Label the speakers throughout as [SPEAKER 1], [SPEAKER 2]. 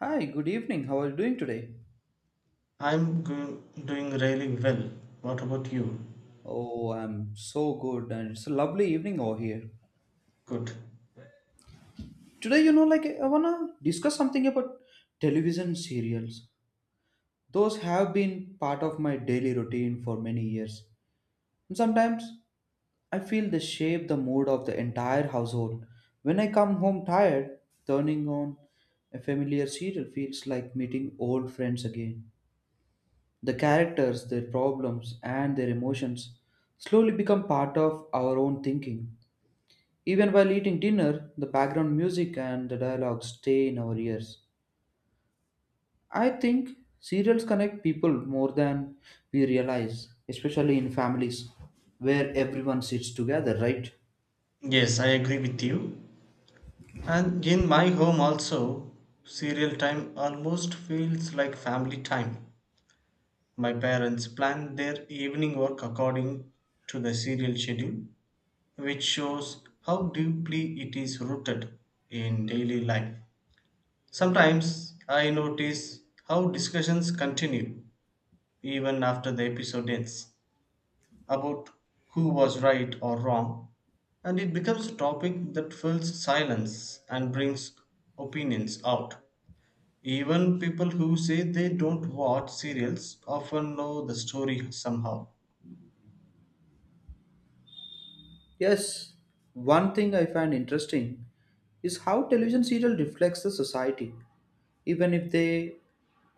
[SPEAKER 1] Hi, good evening. How are you doing today?
[SPEAKER 2] Doing really well. What about you?
[SPEAKER 1] Oh, I'm so good, and it's a lovely evening over here.
[SPEAKER 2] Good.
[SPEAKER 1] Today, like I wanna discuss something about television serials. Those have been part of my daily routine for many years. And sometimes I feel they shape the mood of the entire household. When I come home tired, turning on a familiar serial feels like meeting old friends again. The characters, their problems, and their emotions slowly become part of our own thinking. Even while eating dinner, the background music and the dialogue stay in our ears. I think serials connect people more than we realize, especially in families where everyone sits together, right?
[SPEAKER 2] Yes, I agree with you. And in my home also, serial time almost feels like family time. My parents plan their evening work according to the serial schedule, which shows how deeply it is rooted in daily life. Sometimes I notice how discussions continue even after the episode ends. About who was right or wrong, and it becomes a topic that fills silence and brings opinions out. Even people who say they don't watch serials often know the story somehow.
[SPEAKER 1] Yes, one thing I find interesting is how television serial reflects the society, even if they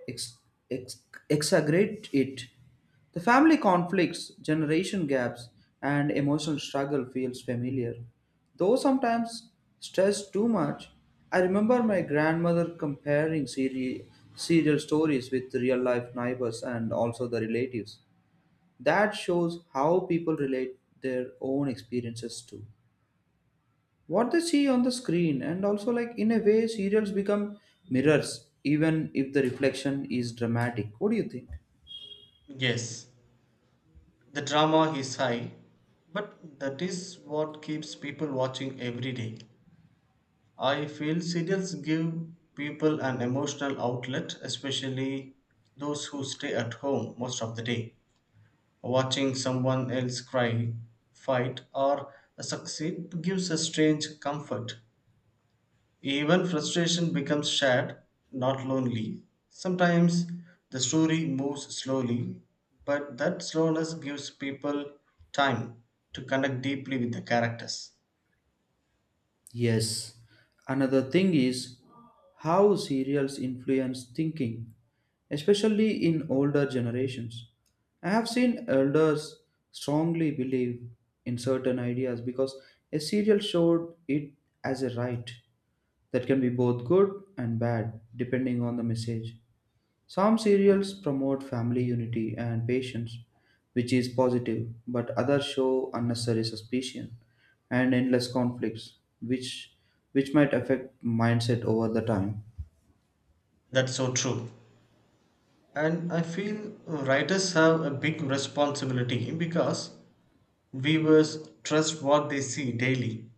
[SPEAKER 1] ex- ex- exaggerate it. The family conflicts, generation gaps, and emotional struggle feels familiar. Though sometimes stressed too much, I remember my grandmother comparing serial stories with real life neighbors and also the relatives. That shows how people relate their own experiences to what they see on the screen, and also, like, in a way, serials become mirrors, even if the reflection is dramatic. What do you think?
[SPEAKER 2] Yes, the drama is high, but that is what keeps people watching every day. I feel serials give people an emotional outlet, especially those who stay at home most of the day. Watching someone else cry, fight, or succeed gives a strange comfort. Even frustration becomes shared, not lonely. Sometimes the story moves slowly, but that slowness gives people time to connect deeply with the characters.
[SPEAKER 1] Yes. Another thing is how serials influence thinking, especially in older generations. I have seen elders strongly believe in certain ideas because a serial showed it as a right. That can be both good and bad depending on the message. Some serials promote family unity and patience, which is positive, but others show unnecessary suspicion and endless conflicts, which might affect mindset over the time.
[SPEAKER 2] That's so true. And I feel writers have a big responsibility because viewers trust what they see daily.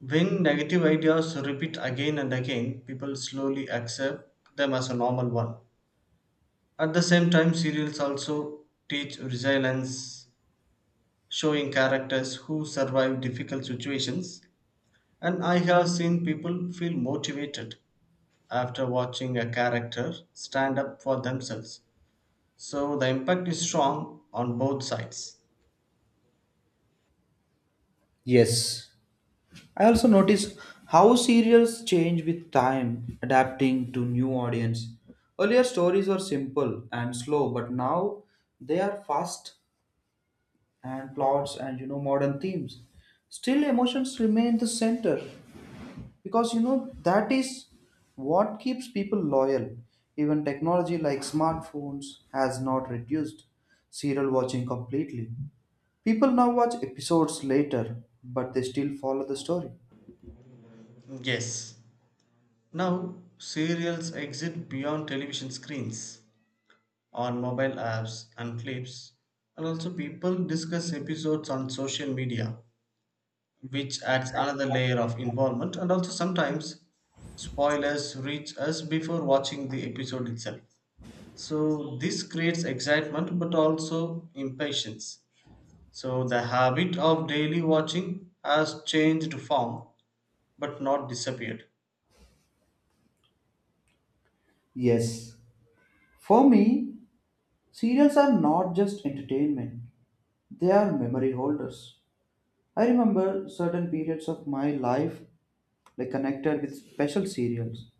[SPEAKER 2] When negative ideas repeat again and again, people slowly accept them as a normal one. At the same time, serials also teach resilience, showing characters who survive difficult situations. And I have seen people feel motivated after watching a character stand up for themselves. So the impact is strong on both sides.
[SPEAKER 1] Yes. I also notice how serials change with time, adapting to new audience. Earlier stories were simple and slow, but now they are fast and plots and modern themes. Still, emotions remain the center because that is what keeps people loyal. Even technology like smartphones has not reduced serial watching completely. People now watch episodes later, but they still follow the story.
[SPEAKER 2] Yes. Now, serials exist beyond television screens on mobile apps and clips. And also, people discuss episodes on social media, which adds another layer of involvement. And also, sometimes spoilers reach us before watching the episode itself. So, this creates excitement but also impatience. So, the habit of daily watching has changed form but not disappeared.
[SPEAKER 1] Yes, for me, serials are not just entertainment, they are memory holders. I remember certain periods of my life, like connected with special serials.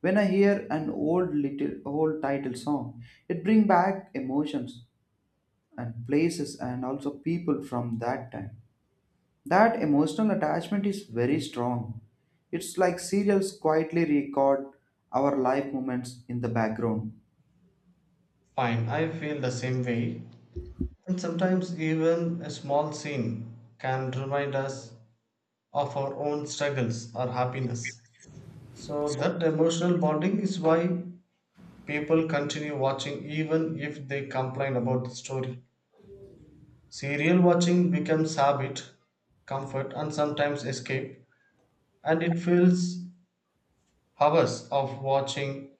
[SPEAKER 1] When I hear an old little old title song, it brings back emotions and places and also people from that time. That emotional attachment is very strong. It's like serials quietly record our life moments in the background.
[SPEAKER 2] Fine, I feel the same way. And sometimes even a small scene can remind us of our own struggles or happiness. So, that emotional bonding is why people continue watching even if they complain about the story. Serial watching becomes habit, comfort, and sometimes escape, and it fills hours of watching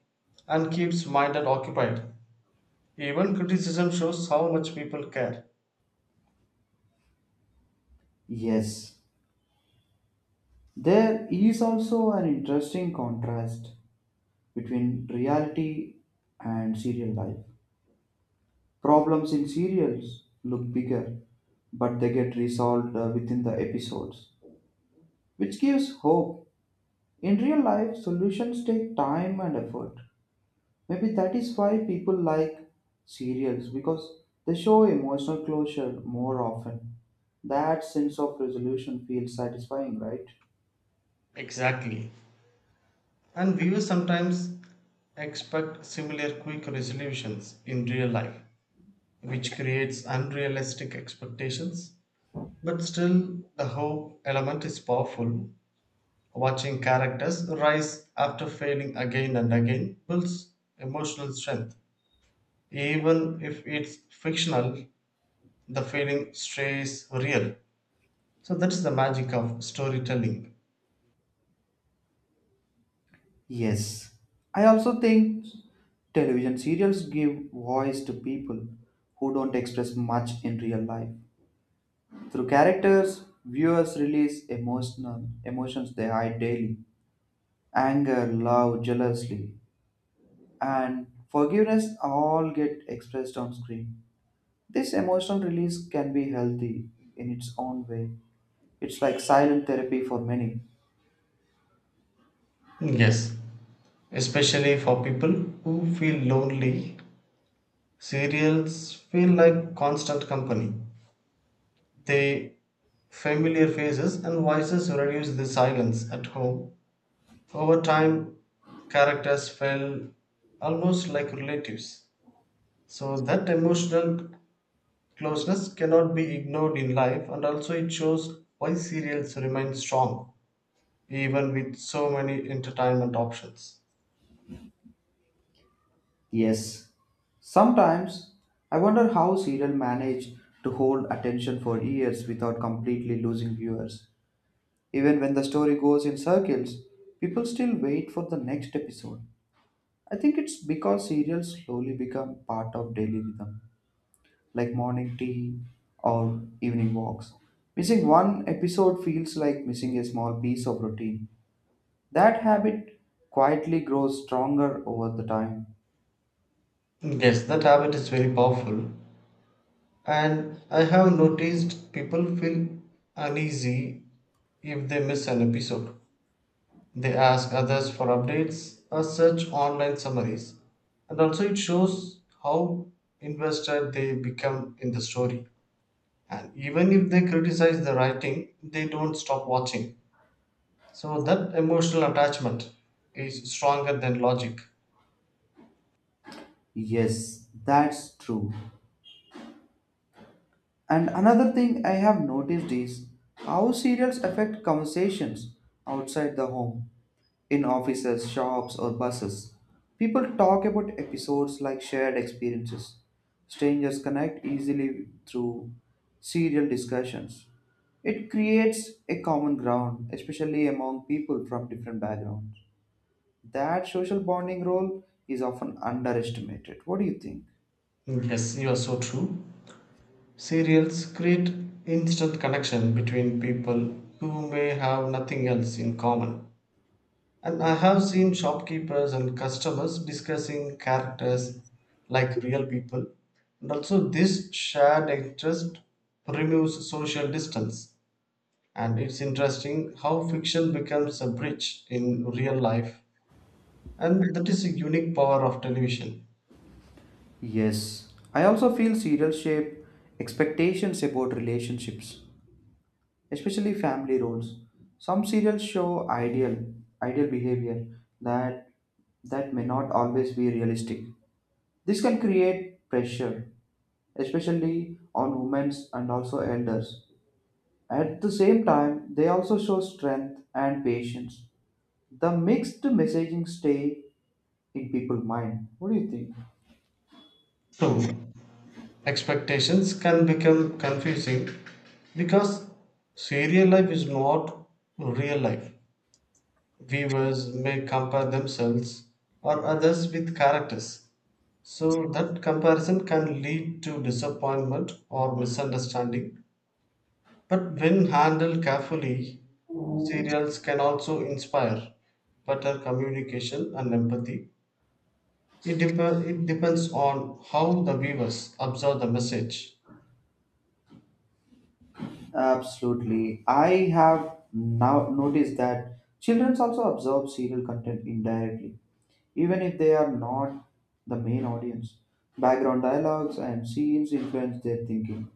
[SPEAKER 2] and keeps mind occupied. Even criticism shows how much people care.
[SPEAKER 1] Yes, there is also an interesting contrast between reality and serial life. Problems in serials look bigger, but they get resolved within the episodes, which gives hope. In real life, solutions take time and effort. Maybe that is why people like serials because they show emotional closure more often. That sense of resolution feels satisfying, right?
[SPEAKER 2] Exactly. And viewers sometimes expect similar quick resolutions in real life, which creates unrealistic expectations, but still the hope element is powerful. Watching characters rise after failing again and again builds emotional strength. Even if it's fictional, the feeling stays real. So that is the magic of storytelling.
[SPEAKER 1] Yes. I also think television serials give voice to people who don't express much in real life. Through characters, viewers release emotional emotions they hide daily. Anger, love, jealousy, and forgiveness all get expressed on screen. This emotional release can be healthy in its own way. It's like silent therapy for many.
[SPEAKER 2] Yes, especially for people who feel lonely, serials feel like constant company. The familiar faces and voices reduce the silence at home. Over time, characters felt almost like relatives. So, that emotional closeness cannot be ignored in life, and also it shows why serials remain strong even with so many entertainment options.
[SPEAKER 1] Yes. Sometimes I wonder how serial manage to hold attention for years without completely losing viewers. Even when the story goes in circles, people still wait for the next episode. I think it's because cereals slowly become part of daily rhythm, like morning tea or evening walks. Missing one episode feels like missing a small piece of routine. That habit quietly grows stronger over the time.
[SPEAKER 2] Yes, that habit is very powerful. And I have noticed people feel uneasy if they miss an episode. They ask others for updates or search online summaries. And also, it shows how invested they become in the story. And even if they criticize the writing, they don't stop watching. So, that emotional attachment is stronger than logic.
[SPEAKER 1] Yes, that's true. And another thing I have noticed is how cereals affect conversations outside the home, in offices, shops, or buses. People talk about episodes like shared experiences. Strangers connect easily through serial discussions. It creates a common ground, especially among people from different backgrounds. That social bonding role is often underestimated. What do you think?
[SPEAKER 2] Yes, you are so true. Serials create instant connection between people who may have nothing else in common. And I have seen shopkeepers and customers discussing characters like real people. And also, this shared interest removes social distance. And it's interesting how fiction becomes a bridge in real life. And that is a unique power of television.
[SPEAKER 1] Yes, I also feel serial shape expectations about relationships, especially family roles. Some serials show ideal behavior that that may not always be realistic. This can create pressure, especially on women and also elders. At the same time, they also show strength and patience. The mixed messaging stay in people's mind. What do you think?
[SPEAKER 2] True, expectations can become confusing because serial life is not real life. Viewers may compare themselves or others with characters, so that comparison can lead to disappointment or misunderstanding. But when handled carefully, serials can also inspire better communication and empathy. It, it depends on how the viewers observe the message.
[SPEAKER 1] Absolutely. I have now noticed that children also absorb serial content indirectly, even if they are not the main audience. Background dialogues and scenes influence their thinking.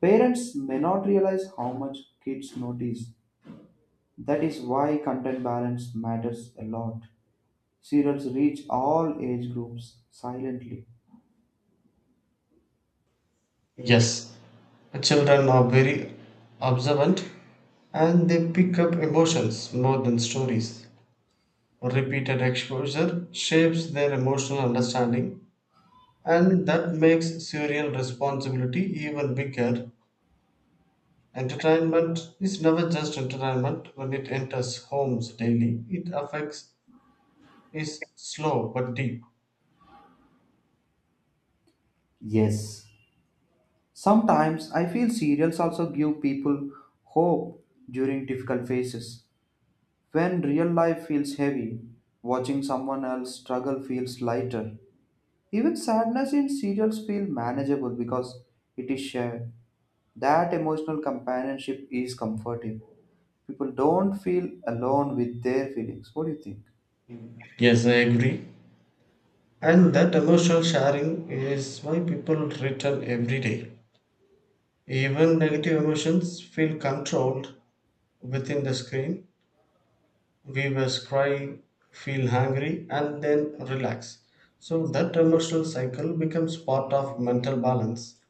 [SPEAKER 1] Parents may not realize how much kids notice. That is why content balance matters a lot. Serials reach all age groups silently.
[SPEAKER 2] Yes, children are very observant and they pick up emotions more than stories. Repeated exposure shapes their emotional understanding, and that makes serial responsibility even bigger. Entertainment is never just entertainment when it enters homes daily, it affects is slow but deep.
[SPEAKER 1] Yes. Sometimes I feel serials also give people hope during difficult phases. When real life feels heavy, watching someone else struggle feels lighter. Even sadness in serials feel manageable because it is shared. That emotional companionship is comforting. People don't feel alone with their feelings. What do you think?
[SPEAKER 2] Yes, I agree. And that emotional sharing is why people return every day. Even negative emotions feel controlled within the screen weavers cry, feel hungry, and then relax. So that emotional cycle becomes part of mental balance.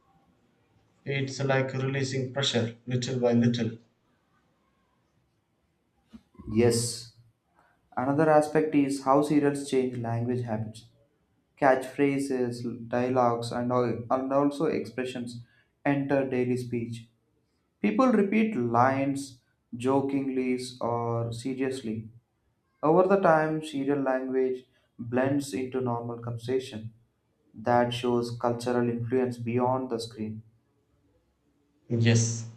[SPEAKER 2] It's like releasing pressure little by little.
[SPEAKER 1] Yes. Another aspect is how serials change language habits. Catchphrases, dialogues, and also expressions enter daily speech. People repeat lines jokingly or seriously. Over the time, serial language blends into normal conversation. That shows cultural influence beyond the screen.
[SPEAKER 2] Yes,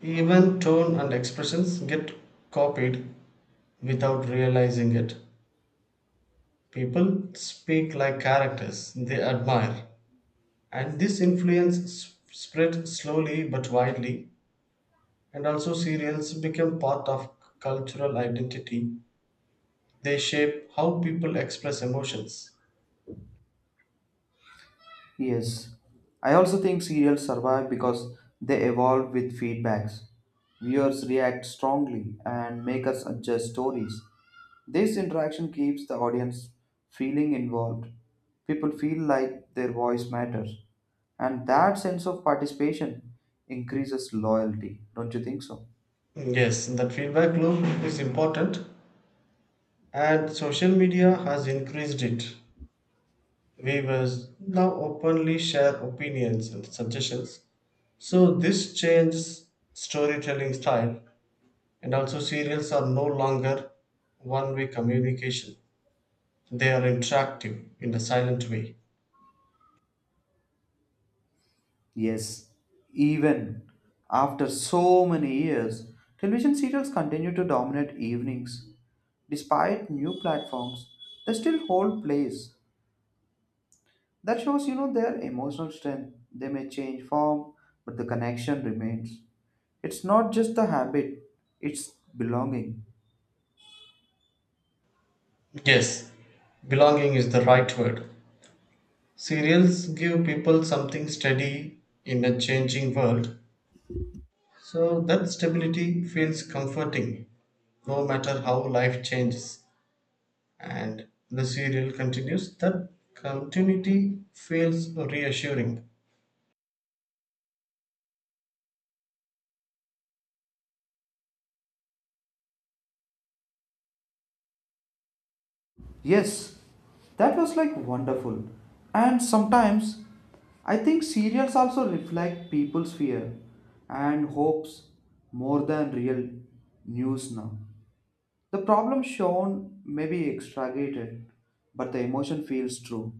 [SPEAKER 2] even tone and expressions get copied without realizing it. People speak like characters they admire, and this spread slowly but widely. And also, serials become part of cultural identity. They shape how people express emotions.
[SPEAKER 1] Yes, I also think serials survive because they evolve with feedbacks. Viewers react strongly and make us adjust stories. This interaction keeps the audience feeling involved. People feel like their voice matters, and that sense of participation increases loyalty. Don't you think so?
[SPEAKER 2] Yes, that feedback loop is important, and social media has increased it. Viewers now openly share opinions and suggestions. So, this changes storytelling style, and also serials are no longer one way communication. They are interactive in a silent way.
[SPEAKER 1] Yes, even after so many years, television serials continue to dominate evenings. Despite new platforms, they still hold place. That shows, their emotional strength. They may change form, but the connection remains. It's not just the habit, it's belonging.
[SPEAKER 2] Yes, belonging is the right word. Serials give people something steady in a changing world. So that stability feels comforting no matter how life changes and the serial continues. That continuity feels reassuring.
[SPEAKER 1] Yes, that was like wonderful. And sometimes I think serials also reflect people's fear and hopes more than real news now. The problem shown may be exaggerated, but the emotion feels true.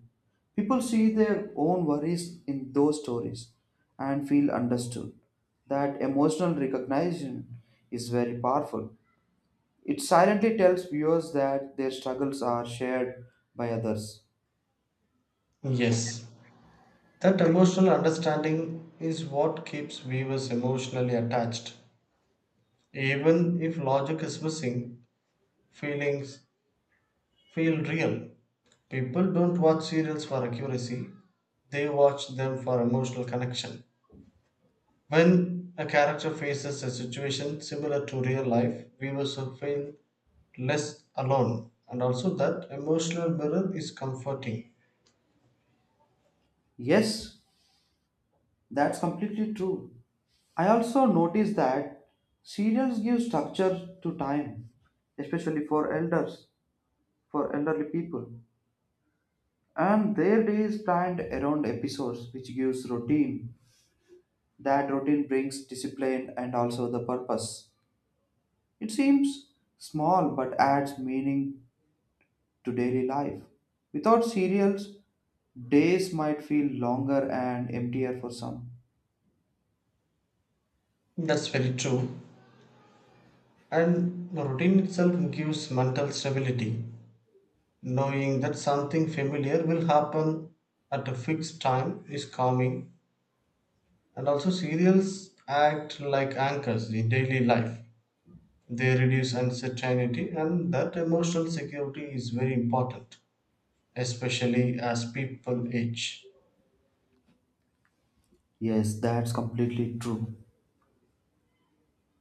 [SPEAKER 1] People see their own worries in those stories and feel understood. That emotional recognition is very powerful. It silently tells viewers that their struggles are shared by others.
[SPEAKER 2] Yes, that emotional understanding is what keeps viewers emotionally attached. Even if logic is missing, feelings feel real. People don't watch serials for accuracy, they watch them for emotional connection. When a character faces a situation similar to real life, viewers will feel less alone, and also that emotional mirror is comforting.
[SPEAKER 1] Yes, that's completely true. I also notice that serials give structure to time, especially for elderly people. And their day is planned around episodes, which gives routine. That routine brings discipline and also the purpose. It seems small but adds meaning to daily life. Without cereals, days might feel longer and emptier for some.
[SPEAKER 2] That's very true. And the routine itself gives mental stability. Knowing that something familiar will happen at a fixed time is calming. And also, serials act like anchors in daily life. They reduce uncertainty, and that emotional security is very important, especially as people age.
[SPEAKER 1] Yes, that's completely true.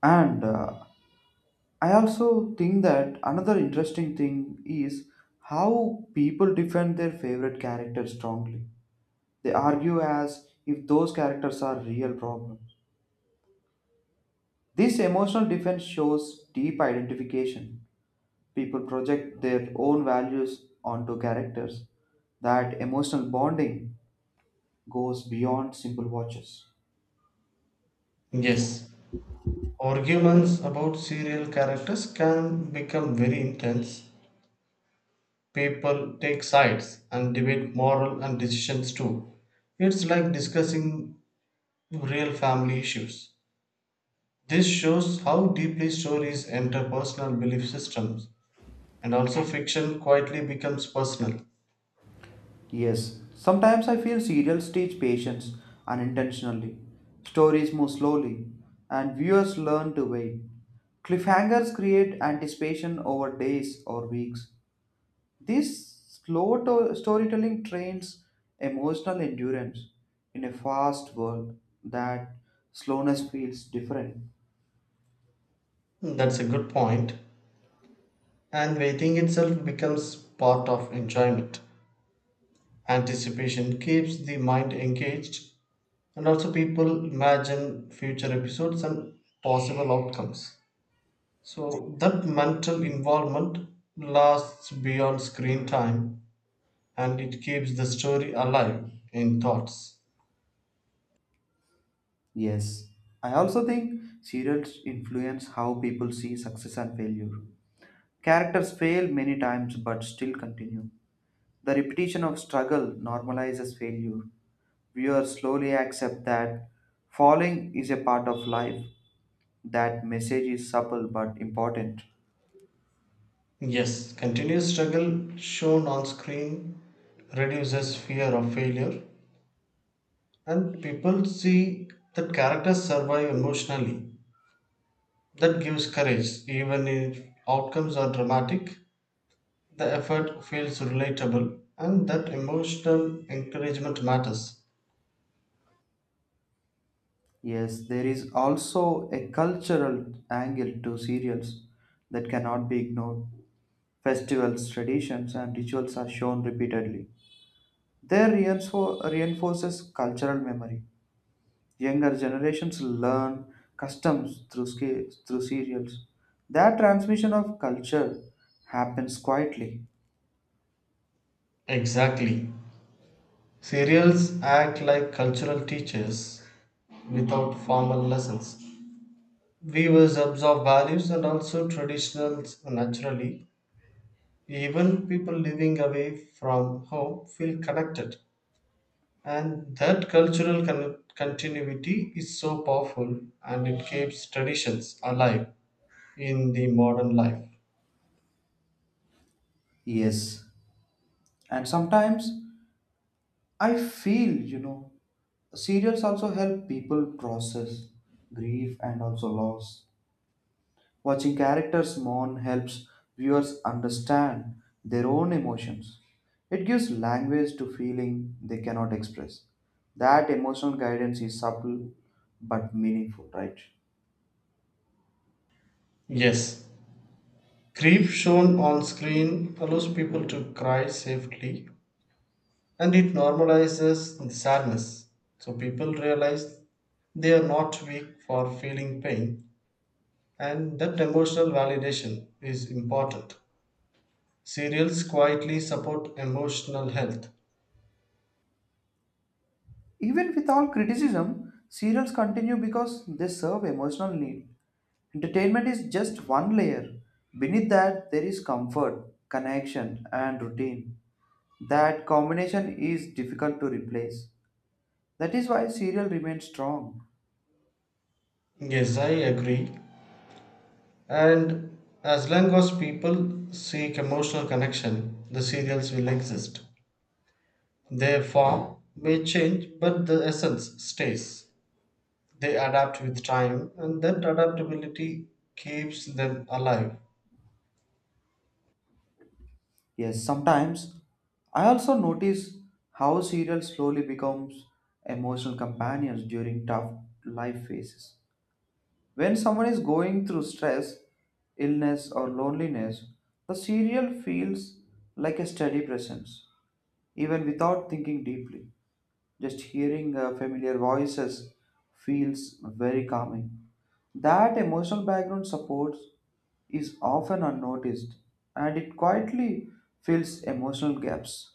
[SPEAKER 1] And I also think that another interesting thing is how people defend their favorite characters strongly. They argue as if those characters are real problems. This emotional defense shows deep identification. People project their own values onto characters. That emotional bonding goes beyond simple watches.
[SPEAKER 2] Yes, arguments about serial characters can become very intense. People take sides and debate moral and decisions too. It's like discussing real family issues. This shows how deeply stories enter personal belief systems, and also fiction quietly becomes personal.
[SPEAKER 1] Yes, sometimes I feel serials teach patience unintentionally. Stories move slowly, and viewers learn to wait. Cliffhangers create anticipation over days or weeks. This slow storytelling trains emotional endurance in a fast world. That slowness feels different.
[SPEAKER 2] That's a good point. And waiting itself becomes part of enjoyment. Anticipation keeps the mind engaged, and also people imagine future episodes and possible outcomes. So, that mental involvement lasts beyond screen time and it keeps the story alive in thoughts.
[SPEAKER 1] Yes, I also think serials influence how people see success and failure. Characters fail many times but still continue. The repetition of struggle normalizes failure. Viewers slowly accept that falling is a part of life. That message is subtle but important.
[SPEAKER 2] Yes, continuous struggle shown on screen reduces fear of failure, and people see that characters survive emotionally. That gives courage, even if outcomes are dramatic. The effort feels relatable and that emotional encouragement matters.
[SPEAKER 1] Yes, there is also a cultural angle to serials that cannot be ignored. Festivals, traditions, and rituals are shown repeatedly. They reinforces cultural memory. Younger generations learn customs through serials. That transmission of culture happens quietly.
[SPEAKER 2] Exactly. Serials act like cultural teachers without formal lessons. Viewers absorb values and also traditions naturally. Even people living away from home feel connected. And that cultural continuity is so powerful and it keeps traditions alive in the modern life.
[SPEAKER 1] Yes. And sometimes I feel, serials also help people process grief and also loss. Watching characters mourn helps viewers understand their own emotions. It gives language to feeling they cannot express. That emotional guidance is subtle but meaningful, right?
[SPEAKER 2] Yes, grief shown on screen allows people to cry safely and it normalizes sadness. So people realize they are not weak for feeling pain, and that emotional validation is important. Serials quietly support emotional health.
[SPEAKER 1] Even with all criticism, serials continue because they serve emotional need. Entertainment is just one layer. Beneath that, there is comfort, connection, and routine. That combination is difficult to replace. That is why serial remains strong.
[SPEAKER 2] Yes, I agree. And as long as people seek emotional connection, the serials will exist. Their form may change, but the essence stays. They adapt with time, and that adaptability keeps them alive.
[SPEAKER 1] Yes, sometimes I also notice how cereals slowly becomes emotional companions during tough life phases. When someone is going through stress, illness or loneliness, the cereal feels like a steady presence, even without thinking deeply. Just hearing familiar voices feels very calming. That emotional background support is often unnoticed and it quietly fills emotional gaps.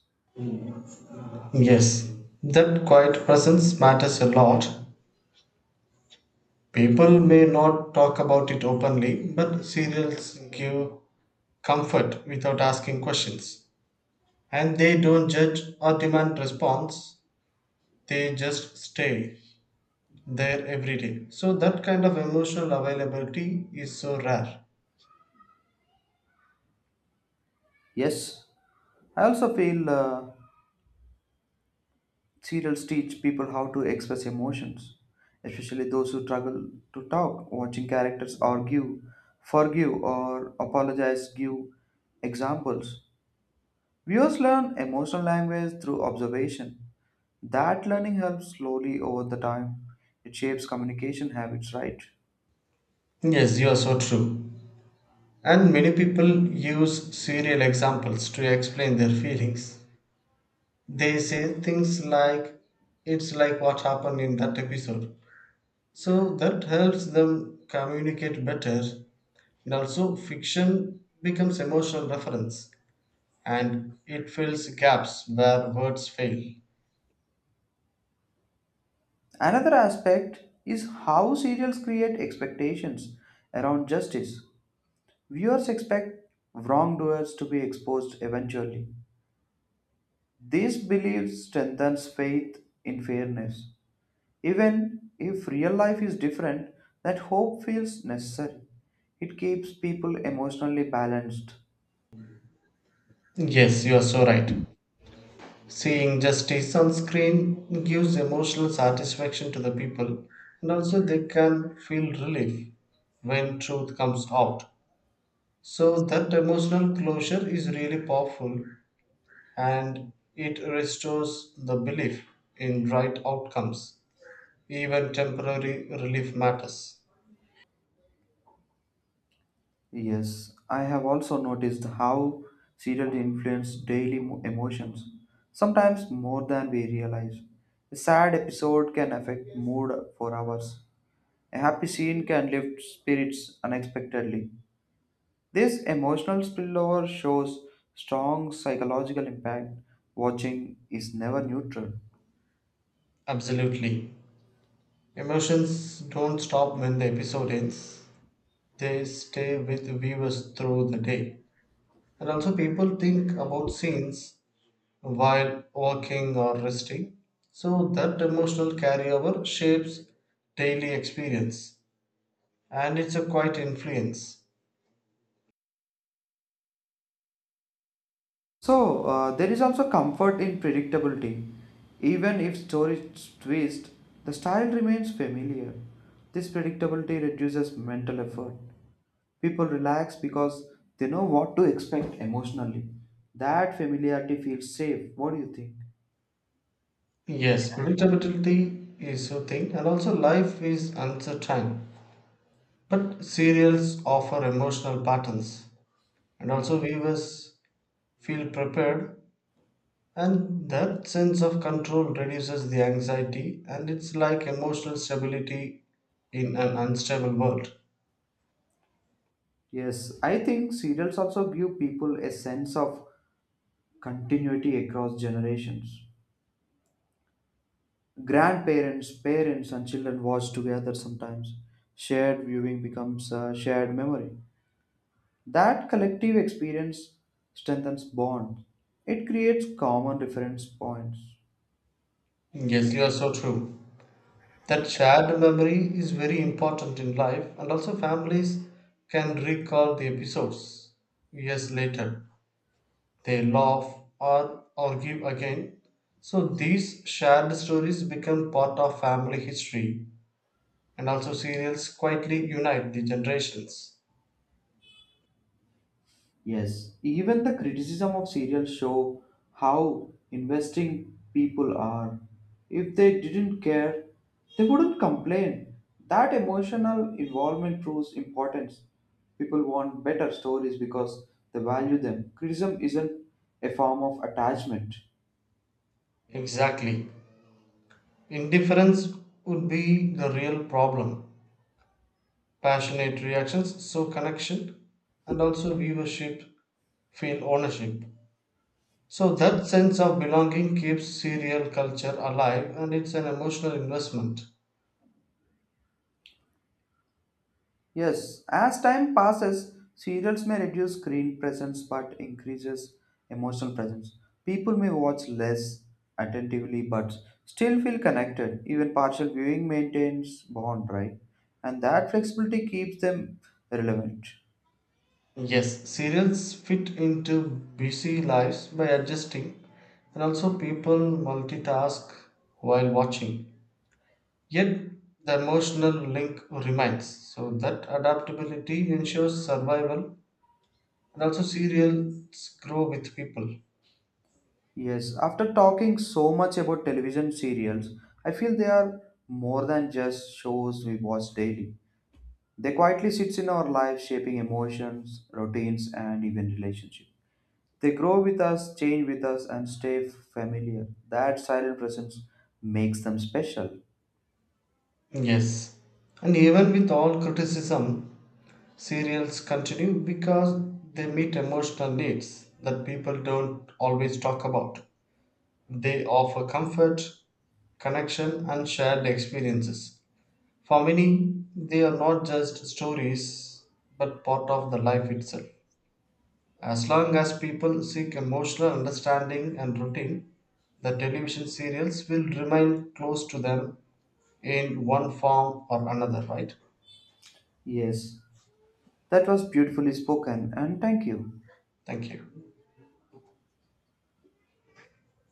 [SPEAKER 2] Yes, that quiet presence matters a lot. People may not talk about it openly, but serials give comfort without asking questions. And they don't judge or demand response, they just stay there every day. So, that kind of emotional availability is so rare.
[SPEAKER 1] Yes, I also feel serials teach people how to express emotions, especially those who struggle to talk. Watching characters argue, forgive, or apologize give examples. Viewers learn emotional language through observation. That learning helps slowly over the time. It shapes communication habits, right?
[SPEAKER 2] Yes, you are so true. And many people use serial examples to explain their feelings. They say things like, it's like what happened in that episode. So that helps them communicate better. And also, fiction becomes emotional reference and it fills gaps where words fail.
[SPEAKER 1] Another aspect is how serials create expectations around justice. Viewers expect wrongdoers to be exposed eventually. This belief strengthens faith in fairness. Even if real life is different, that hope feels necessary. It keeps people emotionally balanced.
[SPEAKER 2] Yes, you are so right. Seeing justice on screen gives emotional satisfaction to the people, and also they can feel relief when truth comes out. So that emotional closure is really powerful and it restores the belief in right outcomes. Even temporary relief matters.
[SPEAKER 1] Yes, I have also noticed how serials influence daily emotions, sometimes more than we realize. A sad episode can affect mood for hours. A happy scene can lift spirits unexpectedly. This emotional spillover shows strong psychological impact. Watching is never neutral.
[SPEAKER 2] Absolutely. Emotions don't stop when the episode ends, they stay with viewers through the day. And also, people think about scenes while walking or resting. So that emotional carryover shapes daily experience and it's a quite influence.
[SPEAKER 1] So, there is also comfort in predictability. Even if stories twist, the style remains familiar. This predictability reduces mental effort. People relax because they know what to expect emotionally. That familiarity feels safe. What do you think?
[SPEAKER 2] Yes, predictability is a thing, and also life is uncertain. But serials offer emotional patterns, and also viewers feel prepared, and that sense of control reduces the anxiety, and it's like emotional stability in an unstable world.
[SPEAKER 1] Yes, I think serials also give people a sense of continuity across generations. Grandparents, parents, and children watch together sometimes. Shared viewing becomes a shared memory. That collective experience strengthens bonds. It creates common reference points.
[SPEAKER 2] Yes, you are so true. That shared memory is very important in life, and also families can recall the episodes years later. They laugh or argue again. So these shared stories become part of family history, and also serials quietly unite the generations.
[SPEAKER 1] Yes, even the criticism of serials show how investing people are. If they didn't care, they wouldn't complain. That emotional involvement proves importance. People want better stories because they value them. Criticism isn't a form of attachment.
[SPEAKER 2] Exactly. Indifference would be the real problem. Passionate reactions, show connection, and also viewership feel ownership. So that sense of belonging keeps serial culture alive and it's an emotional investment.
[SPEAKER 1] Yes, as time passes, serials may reduce screen presence but increases emotional presence. People may watch less attentively but still feel connected. Even partial viewing maintains bond, right? And that flexibility keeps them relevant.
[SPEAKER 2] Yes, serials fit into busy lives by adjusting, and also people multitask while watching. Yet the emotional link remains. So that adaptability ensures survival, and also serials grow with people.
[SPEAKER 1] Yes, after talking so much about television serials, I feel they are more than just shows we watch daily. They quietly sits in our lives shaping emotions, routines and even relationships. They grow with us, change with us, and stay familiar. That silent presence makes them special.
[SPEAKER 2] Yes, and even with all criticism, serials continue because they meet emotional needs that people don't always talk about. They offer comfort, connection, and shared experiences. For many, they are not just stories but part of the life itself. As long as people seek emotional understanding and routine, the television serials will remain close to them in one form or another, right?
[SPEAKER 1] Yes, that was beautifully spoken, and thank you.
[SPEAKER 2] Thank you.